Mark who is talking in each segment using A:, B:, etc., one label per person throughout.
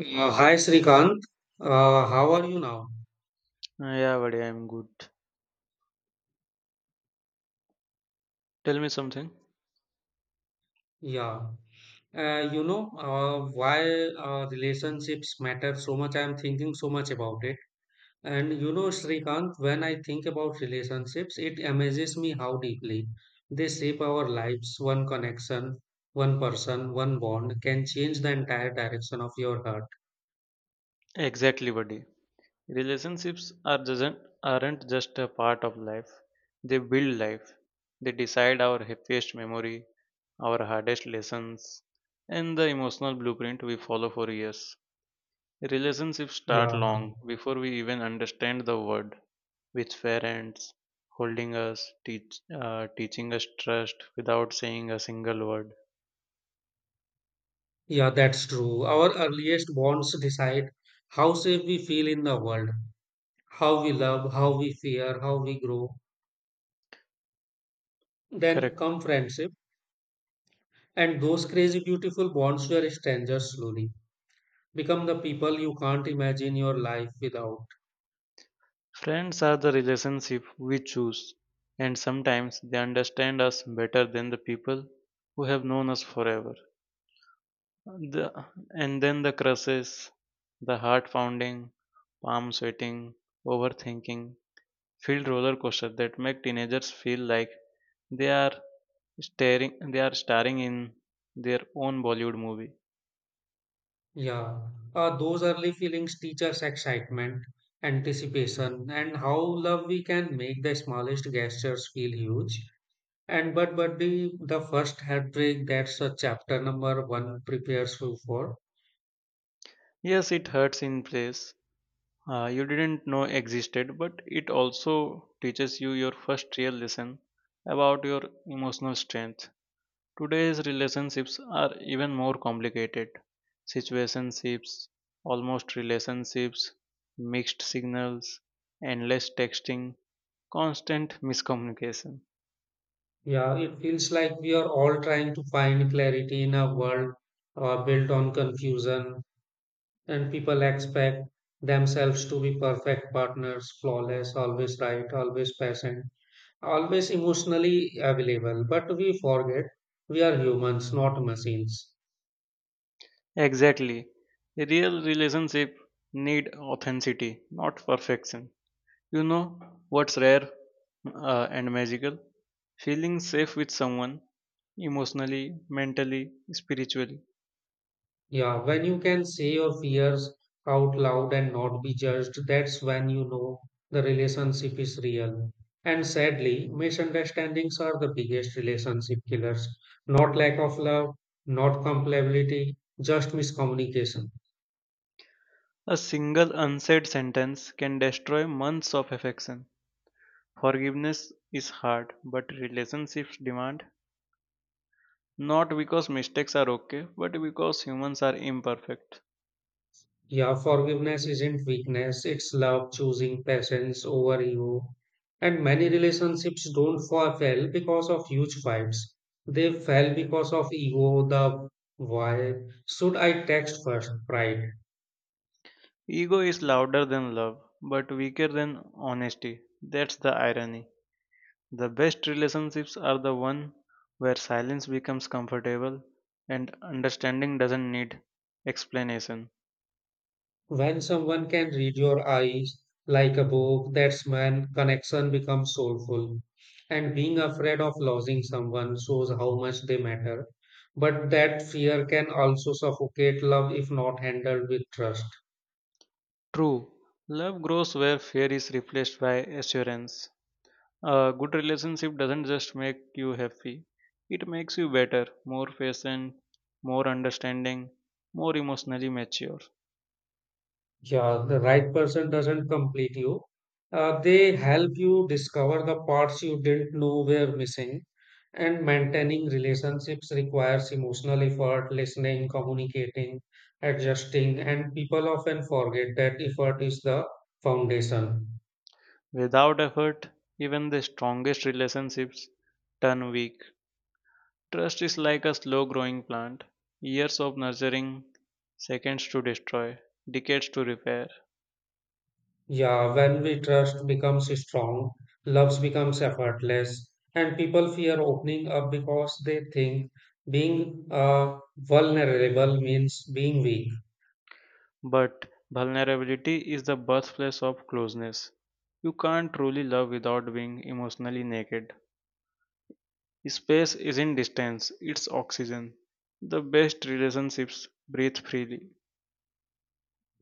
A: Uh, Hi Srikanth, uh, how are you now?
B: Yeah, buddy, I'm good. Tell me something.
A: Yeah, why relationships matter so much. I am thinking so much about it, and you know, Srikanth, when I think about relationships, it amazes me how deeply they shape our lives. One connection, one person, one bond can change the entire direction of your heart.
B: Exactly, buddy. Relationships aren't just a part of life. They build life. They decide our happiest memory, our hardest lessons, and the emotional blueprint we follow for years. Relationships start
A: Yeah,
B: long before we even understand the word. With parents holding us, teaching us trust without saying a single word.
A: yeah, that's true. Our earliest bonds decide how safe we feel in the world, how we love, how we fear, how we grow. Then
B: Correct.
A: come friendship, and those crazy, beautiful bonds where strangers slowly become the people you can't imagine your life without.
B: Friends are the relationship we choose, and sometimes they understand us better than the people who have known us forever. The, and then the crushes, the heart pounding, palm sweating, overthinking, field roller coaster that make teenagers feel like they are they are starring in their own Bollywood movie.
A: Yeah, those early feelings teach us excitement, anticipation, and how love we can make the smallest gestures feel huge. And the first heartbreak, that's a chapter number one prepares you for.
B: Yes, it hurts in place, you didn't know existed, but it also teaches you your first real lesson about your emotional strength. Today's relationships are even more complicated. Situationships, almost relationships, mixed signals, endless texting, constant miscommunication.
A: Yeah, it feels like we are all trying to find clarity in a world built on confusion, and people expect themselves to be perfect partners, flawless, always right, always patient, always emotionally available. But we forget we are humans, not machines.
B: Exactly. A real relationship need authenticity, not perfection. You know what's rare and magical? Feeling safe with someone emotionally, mentally, spiritually.
A: Yeah, when you can say your fears out loud and not be judged, that's when you know the relationship is real. And sadly, misunderstandings are the biggest relationship killers. Not lack of love, not compatibility, just miscommunication.
B: A single unsaid sentence can destroy months of affection. Forgiveness is hard, but relationships demand not because mistakes are okay, but because humans are imperfect.
A: Yeah, forgiveness isn't weakness, it's love, choosing patience over ego. And many relationships don't fail because of huge fights. They fail because of ego, the why should I text first pride.
B: Ego is louder than love, but weaker than honesty. That's the irony. The best relationships are the one where silence becomes comfortable and understanding doesn't need explanation.
A: When someone can read your eyes like a book, that's when connection becomes soulful. And being afraid of losing someone shows how much they matter. But that fear can also suffocate love if not handled with trust.
B: True, love grows where fear is replaced by assurance. A good relationship doesn't just make you happy, it makes you better, more patient, more understanding, more emotionally mature.
A: Yeah, the right person doesn't complete you. They help you discover the parts you didn't know were missing. And maintaining relationships requires emotional effort, listening, communicating, adjusting, and people often forget that effort is the foundation.
B: Without effort, even the strongest relationships turn weak. Trust is like a slow growing plant. Years of nurturing, seconds to destroy, decades to repair.
A: Yeah, when we trust becomes strong, loves becomes effortless, and people fear opening up because they think being vulnerable means being weak.
B: But vulnerability is the birthplace of closeness. You can't truly love without being emotionally naked. Space isn't distance, it's oxygen. The best relationships breathe freely.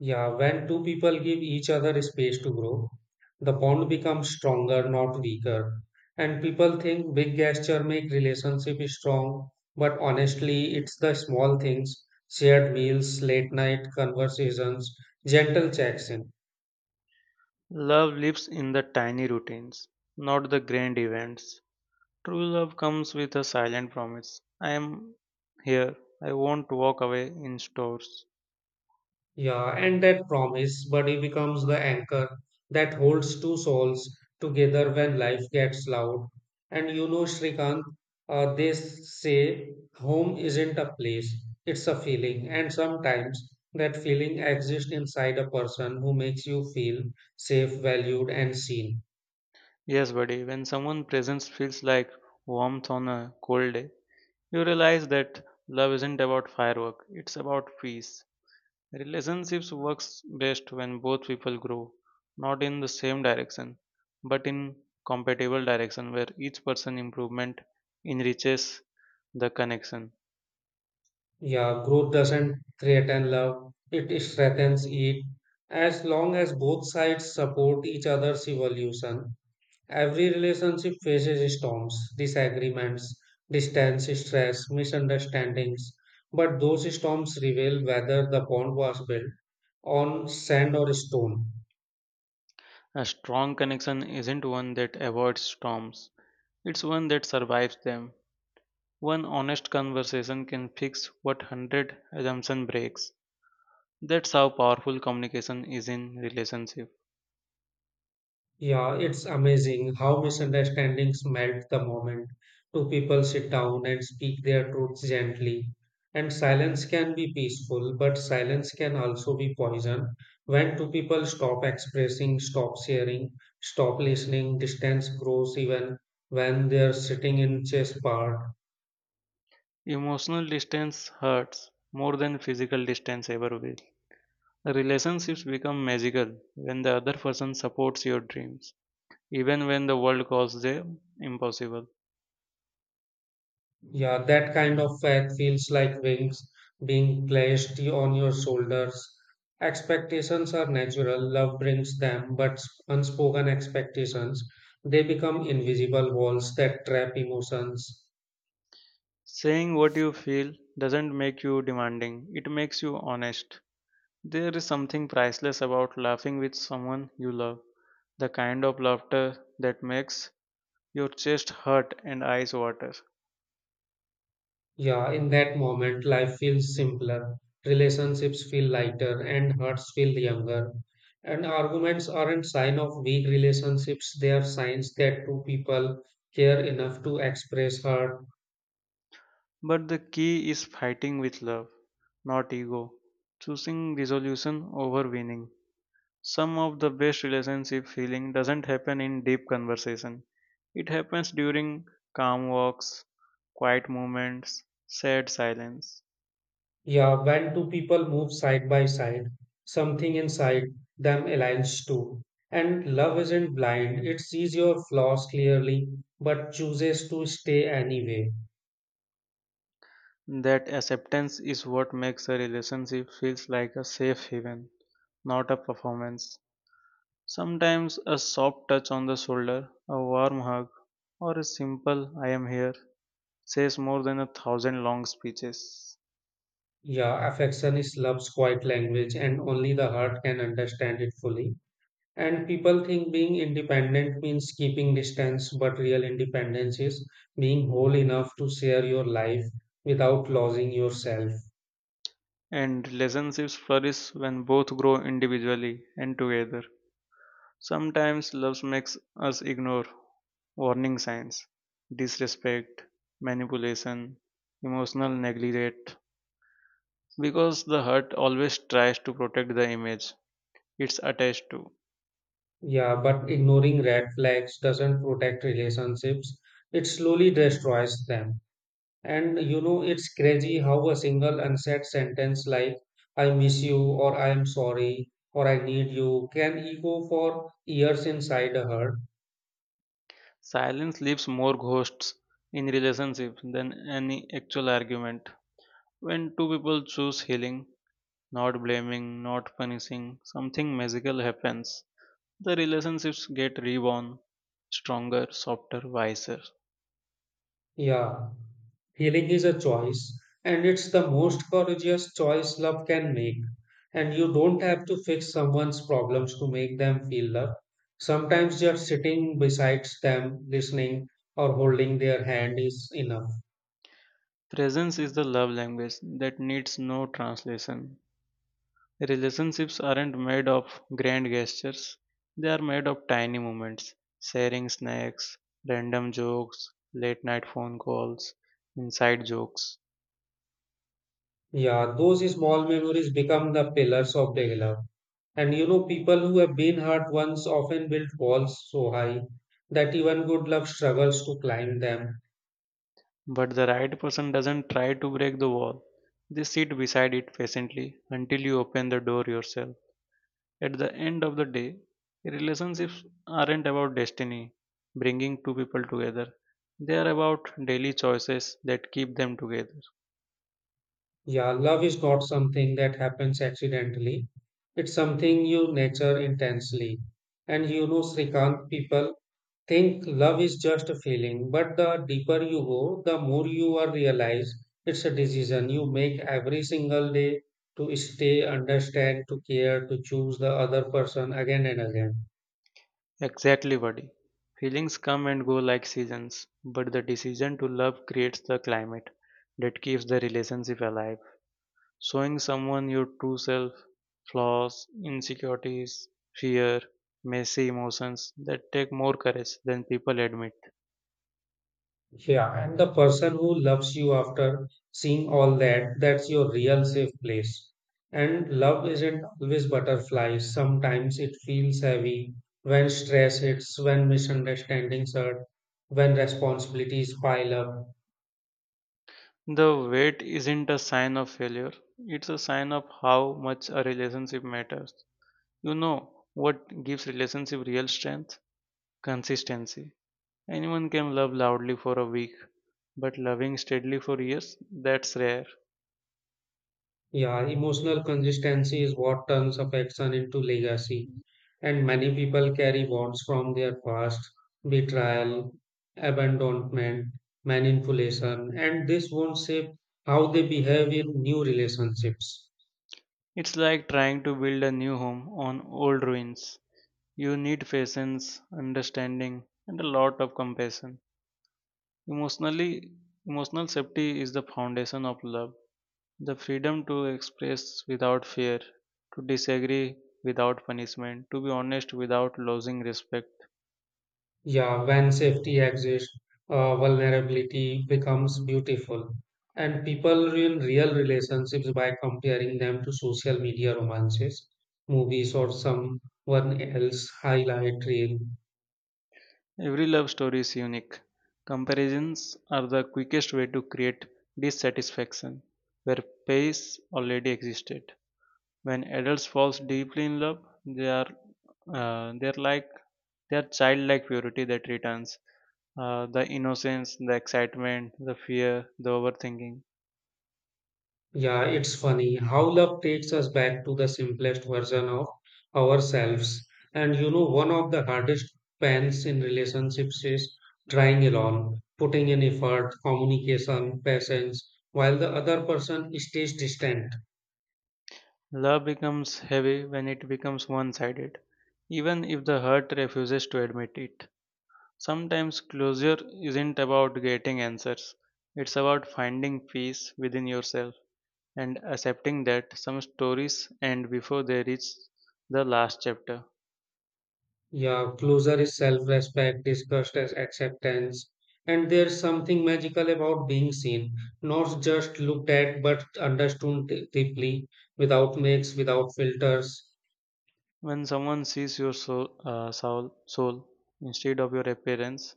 A: Yeah, when two people give each other space to grow, the bond becomes stronger, not weaker. And people think big gesture make relationship strong, but honestly, it's the small things, shared meals, late night conversations, gentle checks in.
B: Love lives in the tiny routines, not the grand events. True love comes with a silent promise. I am here. I won't walk away in stores.
A: Yeah, and that promise, buddy, becomes the anchor that holds two souls together when life gets loud. And you know, Srikanth, they say home isn't a place, it's a feeling. And sometimes that feeling exists inside a person who makes you feel safe, valued, and seen.
B: Yes, buddy, when someone's presence feels like warmth on a cold day, you realize that love isn't about firework, it's about peace. Relationships works best when both people grow, not in the same direction, but in compatible direction where each person improvement enriches the connection.
A: Yeah, growth doesn't threaten love, it strengthens it. As long as both sides support each other's evolution, every relationship faces storms, disagreements, distance, stress, misunderstandings, but those storms reveal whether the bond was built on sand or stone.
B: A strong connection isn't one that avoids storms, it's one that survives them. One honest conversation can fix what hundred assumption breaks. That's how powerful communication is in relationship.
A: Yeah, it's amazing how misunderstandings melt the moment two people sit down and speak their truths gently. And silence can be peaceful, but silence can also be poison. When two people stop expressing, stop sharing, stop listening, distance grows even when they're sitting in chess part.
B: Emotional distance hurts more than physical distance ever will. Relationships become magical when the other person supports your dreams, even when the world calls them impossible.
A: Yeah, that kind of fact feels like wings being placed on your shoulders. Expectations are natural, love brings them, but unspoken expectations, they become invisible walls that trap emotions.
B: Saying what you feel doesn't make you demanding, it makes you honest. There is something priceless about laughing with someone you love, the kind of laughter that makes your chest hurt and eyes water.
A: Yeah, in that moment, life feels simpler, relationships feel lighter, and hearts feel younger. And arguments aren't sign of weak relationships, they are signs that two people care enough to express heart.
B: But the key is fighting with love, not ego, choosing resolution over winning. Some of the best relationship feeling doesn't happen in deep conversation. It happens during calm walks, quiet moments, sad silence.
A: Yeah, when two people move side by side, something inside them aligns too. And love isn't blind, it sees your flaws clearly, but chooses to stay anyway.
B: That acceptance is what makes a relationship feels like a safe haven, not a performance. Sometimes a soft touch on the shoulder, a warm hug, or a simple I am here says more than a thousand long speeches.
A: Yeah, affection is love's quiet language, and only the heart can understand it fully. And people think being independent means keeping distance, but real independence is being whole enough to share your life without losing yourself.
B: And relationships flourish when both grow individually and together. Sometimes love makes us ignore warning signs, disrespect, manipulation, emotional neglect, because the hut always tries to protect the image it's attached to.
A: Yeah, but ignoring red flags doesn't protect relationships. It slowly destroys them. And you know, it's crazy how a single unsaid sentence like, I miss you, or I am sorry, or I need you, can echo for years inside a hurt.
B: Silence leaves more ghosts in relationships than any actual argument. When two people choose healing, not blaming, not punishing, something magical happens. The relationships get reborn, stronger, softer, wiser.
A: Yeah. Healing is a choice, and it's the most courageous choice love can make. And you don't have to fix someone's problems to make them feel loved. Sometimes just sitting beside them, listening, or holding their hand is enough.
B: Presence is the love language that needs no translation. Relationships aren't made of grand gestures, they are made of tiny moments, sharing snacks, random jokes, late night phone calls, inside jokes.
A: Yeah, those small memories become the pillars of daily love. And you know, people who have been hurt once often build walls so high that even good love struggles to climb them.
B: But the right person doesn't try to break the wall, they sit beside it patiently until you open the door yourself. At the end of the day, relationships aren't about destiny, bringing two people together. They are about daily choices that keep them together.
A: Yeah, love is not something that happens accidentally. It's something you nurture intensely. And you know, Srikant, people think love is just a feeling, but the deeper you go, the more you are realize it's a decision you make every single day to stay, understand, to care, to choose the other person again and again.
B: Exactly, buddy. Feelings come and go like seasons, but the decision to love creates the climate that keeps the relationship alive. Showing someone your true self, flaws, insecurities, fear, messy emotions that take more courage than people admit.
A: Yeah, and the person who loves you after seeing all that, that's your real safe place. And love isn't always butterflies. Sometimes it feels heavy when stress hits, when misunderstandings hurt, when responsibilities pile up.
B: The wait isn't a sign of failure, it's a sign of how much a relationship matters. You know what gives relationship real strength? Consistency. Anyone can love loudly for a week, but loving steadily for years, that's rare.
A: Yeah, emotional consistency is what turns affection into legacy. And many people carry bonds from their past, betrayal, abandonment, manipulation, and this wounds shape how they behave in new relationships.
B: It's like trying to build a new home on old ruins. You need patience, understanding, and a lot of compassion. Emotionally, emotional safety is the foundation of love. The freedom to express without fear, to disagree without punishment, to be honest without losing respect.
A: Yeah, when safety exists, vulnerability becomes beautiful. And people ruin real relationships by comparing them to social media romances, movies, or someone else highlight reel.
B: Every love story is unique. Comparisons are the quickest way to create dissatisfaction where pace already existed. When adults falls deeply in love, they're like their childlike purity that returns. The innocence, the excitement, the fear, the overthinking.
A: Yeah, it's funny how love takes us back to the simplest version of ourselves. And you know, one of the hardest pains in relationships is trying alone, putting in effort, communication, patience, while the other person stays distant.
B: Love becomes heavy when it becomes one sided, even if the hurt refuses to admit it. Sometimes closure isn't about getting answers, it's about finding peace within yourself and accepting that some stories end before they reach the last chapter.
A: Yeah, closer is self-respect, disgust as acceptance. And there's something magical about being seen, not just looked at, but understood deeply, without makes, without filters.
B: When someone sees your soul instead of your appearance,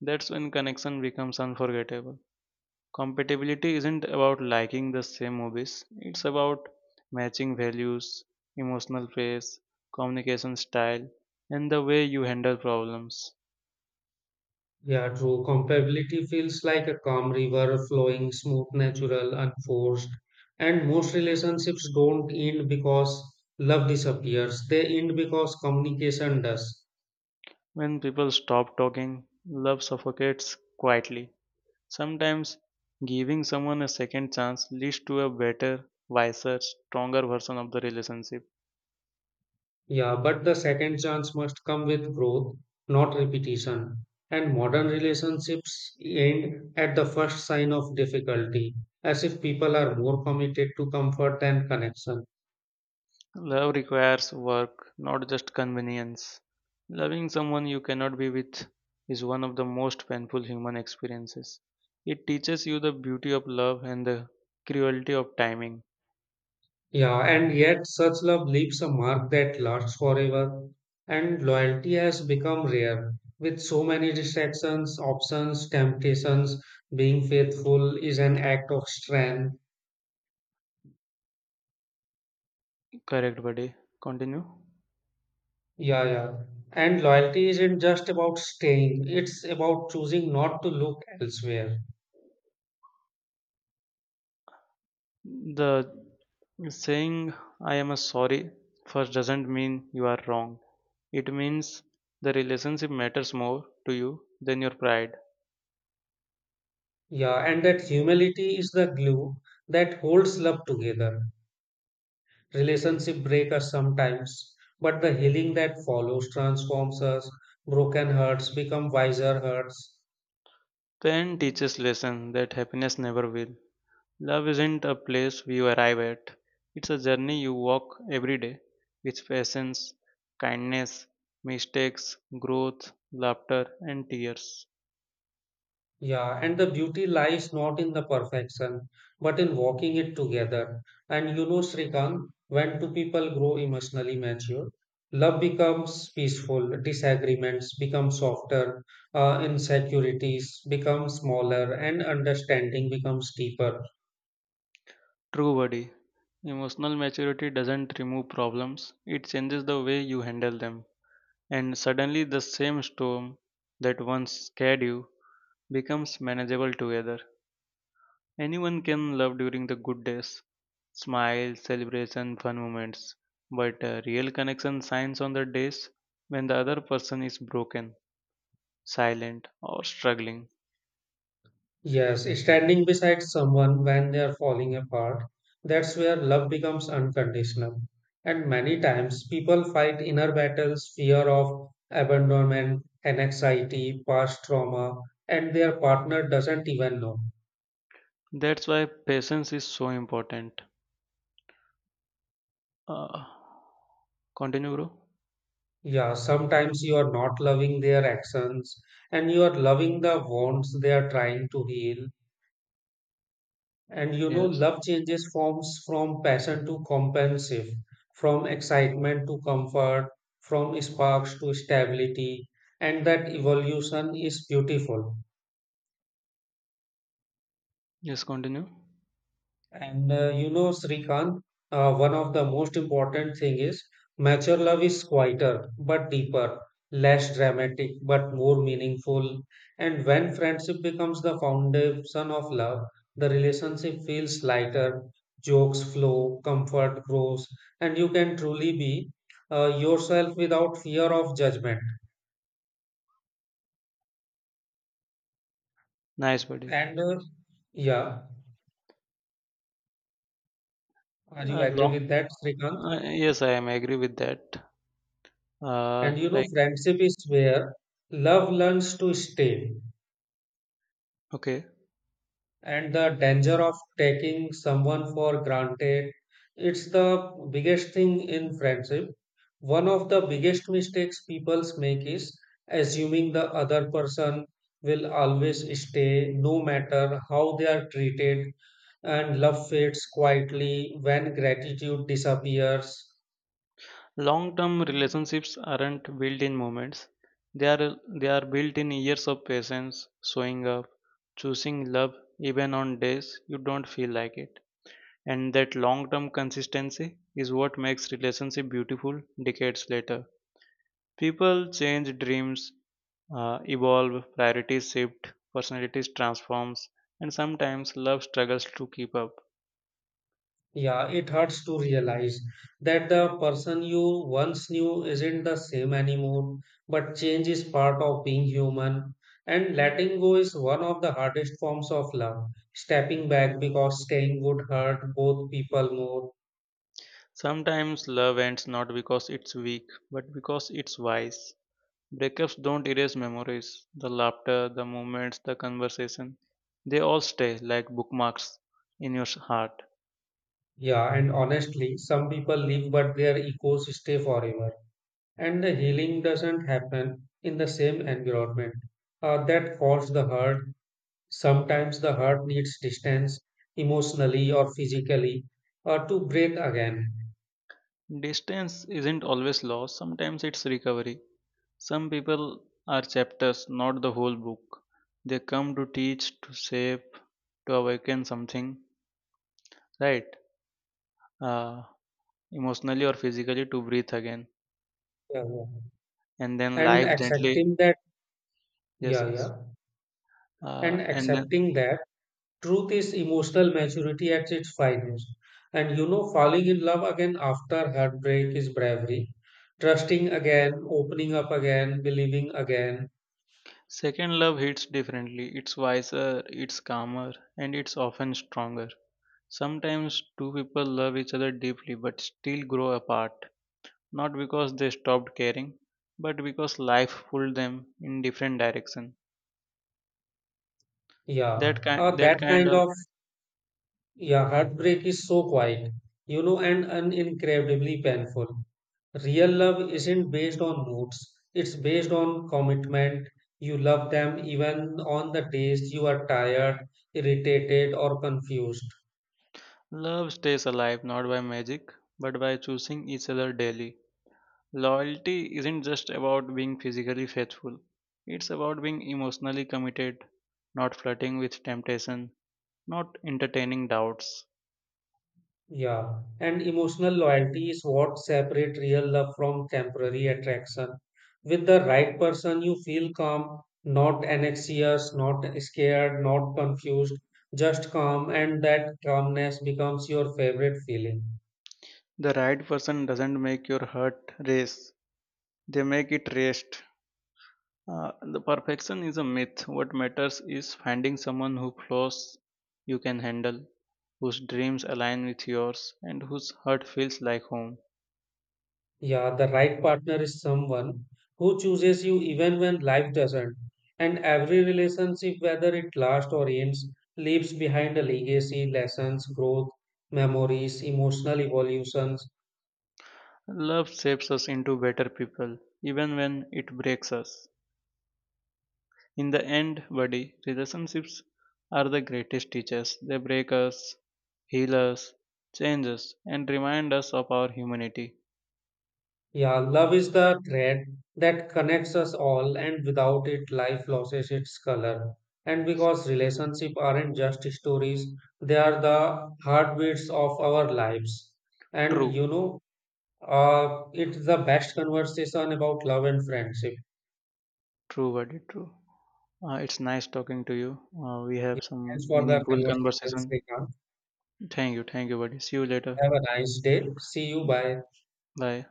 B: that's when connection becomes unforgettable. Compatibility isn't about liking the same movies, it's about matching values, emotional pace, communication style, and the way you handle problems.
A: Yeah, true. Comparability feels like a calm river flowing smooth, natural, unforced. And most relationships don't end because love disappears. They end because communication does.
B: When people stop talking, love suffocates quietly. Sometimes giving someone a second chance leads to a better, wiser, stronger version of the relationship.
A: Yeah, but the second chance must come with growth, not repetition. And modern relationships end at the first sign of difficulty, as if people are more committed to comfort than connection.
B: Love requires work, not just convenience. Loving someone you cannot be with is one of the most painful human experiences. It teaches you the beauty of love and the cruelty of timing.
A: Yeah, and yet such love leaves a mark that lasts forever, and loyalty has become rare. With so many distractions, options, temptations, being faithful is an act of strength.
B: Correct, buddy. Continue.
A: Yeah. And loyalty isn't just about staying, it's about choosing not to look elsewhere.
B: The saying I am sorry first doesn't mean you are wrong. It means the relationship matters more to you than your pride.
A: Yeah, and that humility is the glue that holds love together. Relationship break us sometimes, but the healing that follows transforms us. Broken hearts become wiser hearts.
B: Pain teaches lesson that happiness never will. Love isn't a place you arrive at. It's a journey you walk every day with patience, kindness, mistakes, growth, laughter, and tears.
A: Yeah, and the beauty lies not in the perfection, but in walking it together. And you know, Srikant, when two people grow emotionally mature, love becomes peaceful, disagreements become softer, insecurities become smaller, and understanding becomes deeper.
B: True, buddy. Emotional maturity doesn't remove problems, it changes the way you handle them. And suddenly, the same storm that once scared you becomes manageable together. Anyone can love during the good days, smiles, celebration, fun moments, but a real connection shines on the days when the other person is broken, silent, or struggling.
A: Yes, standing beside someone when they are falling apart, that's where love becomes unconditional. And many times people fight inner battles, fear of abandonment, and anxiety, past trauma, and their partner doesn't even know.
B: That's why patience is so important. Uh, continue, bro.
A: Yeah, sometimes you are not loving their actions and you are loving the wounds they are trying to heal. And you know,
B: Yes,
A: love changes forms from passion to compulsive, from excitement to comfort, from sparks to stability, and that evolution is beautiful.
B: yes, continue.
A: And you know, Srikant, one of the most important thing is mature love is quieter but deeper, less dramatic but more meaningful. And when friendship becomes the foundation of love, the relationship feels lighter, jokes flow, comfort grows, and you can truly be yourself without fear of judgment.
B: Nice, buddy.
A: And yeah, are you agree
B: Long.
A: with that, Srikant?
B: Yes, I am agree with that.
A: And you know,
B: Like,
A: friendship is where love learns to stay.
B: okay.
A: And the danger of taking someone for granted, it's the biggest thing in friendship. One of the biggest mistakes people make is assuming the other person will always stay no matter how they are treated, and love fades quietly when gratitude disappears.
B: Long term relationships aren't built in moments. They are built in years of patience, showing up, choosing love even on days you don't feel like it. And that long term consistency is what makes relationship beautiful decades later. People change dreams, evolve, priorities shift, personalities transforms, and sometimes love struggles to keep up.
A: Yeah, it hurts to realize that the person you once knew isn't the same anymore, but change is part of being human. And letting go is one of the hardest forms of love. Stepping back because staying would hurt both people more.
B: Sometimes love ends not because it's weak, but because it's wise. Breakups don't erase memories, the laughter, the moments, the conversation. They all stay like bookmarks in your heart.
A: Yeah, and honestly, some people leave but their echoes stay forever. And the healing doesn't happen in the same environment. That caused the hurt. Sometimes the heart needs distance emotionally or physically to breathe again.
B: Distance isn't always loss, sometimes it's recovery. Some people are chapters, not the whole book. They come to teach, to shape, to awaken something, right? Uh, Emotionally or physically to breathe again.
A: Yeah.
B: And then
A: And
B: life gently,
A: accepting that,
B: Yes,
A: yeah,
B: yes.
A: yeah. And
B: And then
A: accepting that truth is emotional maturity at its finest. And you know, falling in love again after heartbreak is bravery. Trusting again, opening up again, believing again.
B: Second love hits differently. It's wiser, it's calmer, and it's often stronger. Sometimes two people love each other deeply but still grow apart, not because they stopped caring, but because life pulled them in different direction.
A: Yeah.
B: That kind that
A: That
B: kind
A: kind
B: of
A: of. Yeah, heartbreak is so quiet, you know, and incredibly painful. Real love isn't based on moods, it's based on commitment. You love them even on the days you are tired, irritated, or confused.
B: love stays alive not by magic, but by choosing each other daily. Loyalty isn't just about being physically faithful. It's about being emotionally committed, not flirting with temptation, not entertaining doubts.
A: Yeah, and emotional loyalty is what separates real love from temporary attraction. With the right person, you feel calm, not anxious, not scared, not confused, just calm, and that calmness becomes your favorite feeling.
B: The right person doesn't make your heart race, they make it rest. The perfection is a myth. What matters is finding someone who flows you can handle, whose dreams align with yours, and whose heart feels like home.
A: Yeah, the right partner is someone who chooses you even when life doesn't. And every relationship, whether it lasts or ends, leaves behind a legacy, lessons, growth, memories, emotional evolutions.
B: Love shapes us into better people, even when it breaks us. In the end, buddy, relationships are the greatest teachers. They break us, heal us, change us, and remind us of our humanity.
A: Yeah, love is the thread that connects us all, and without it, life loses its color. And because relationships aren't just stories, they are the heartbeats of our lives. And
B: True,
A: you know, it's the best conversation about love and friendship.
B: true, very true. It's nice talking to you. We have
A: Thanks
B: some
A: for the
B: meaningful
A: conversations,
B: conversation.
A: Srikanth.
B: Thank you, buddy. See you later.
A: Have a nice day. See you. Bye.
B: Bye.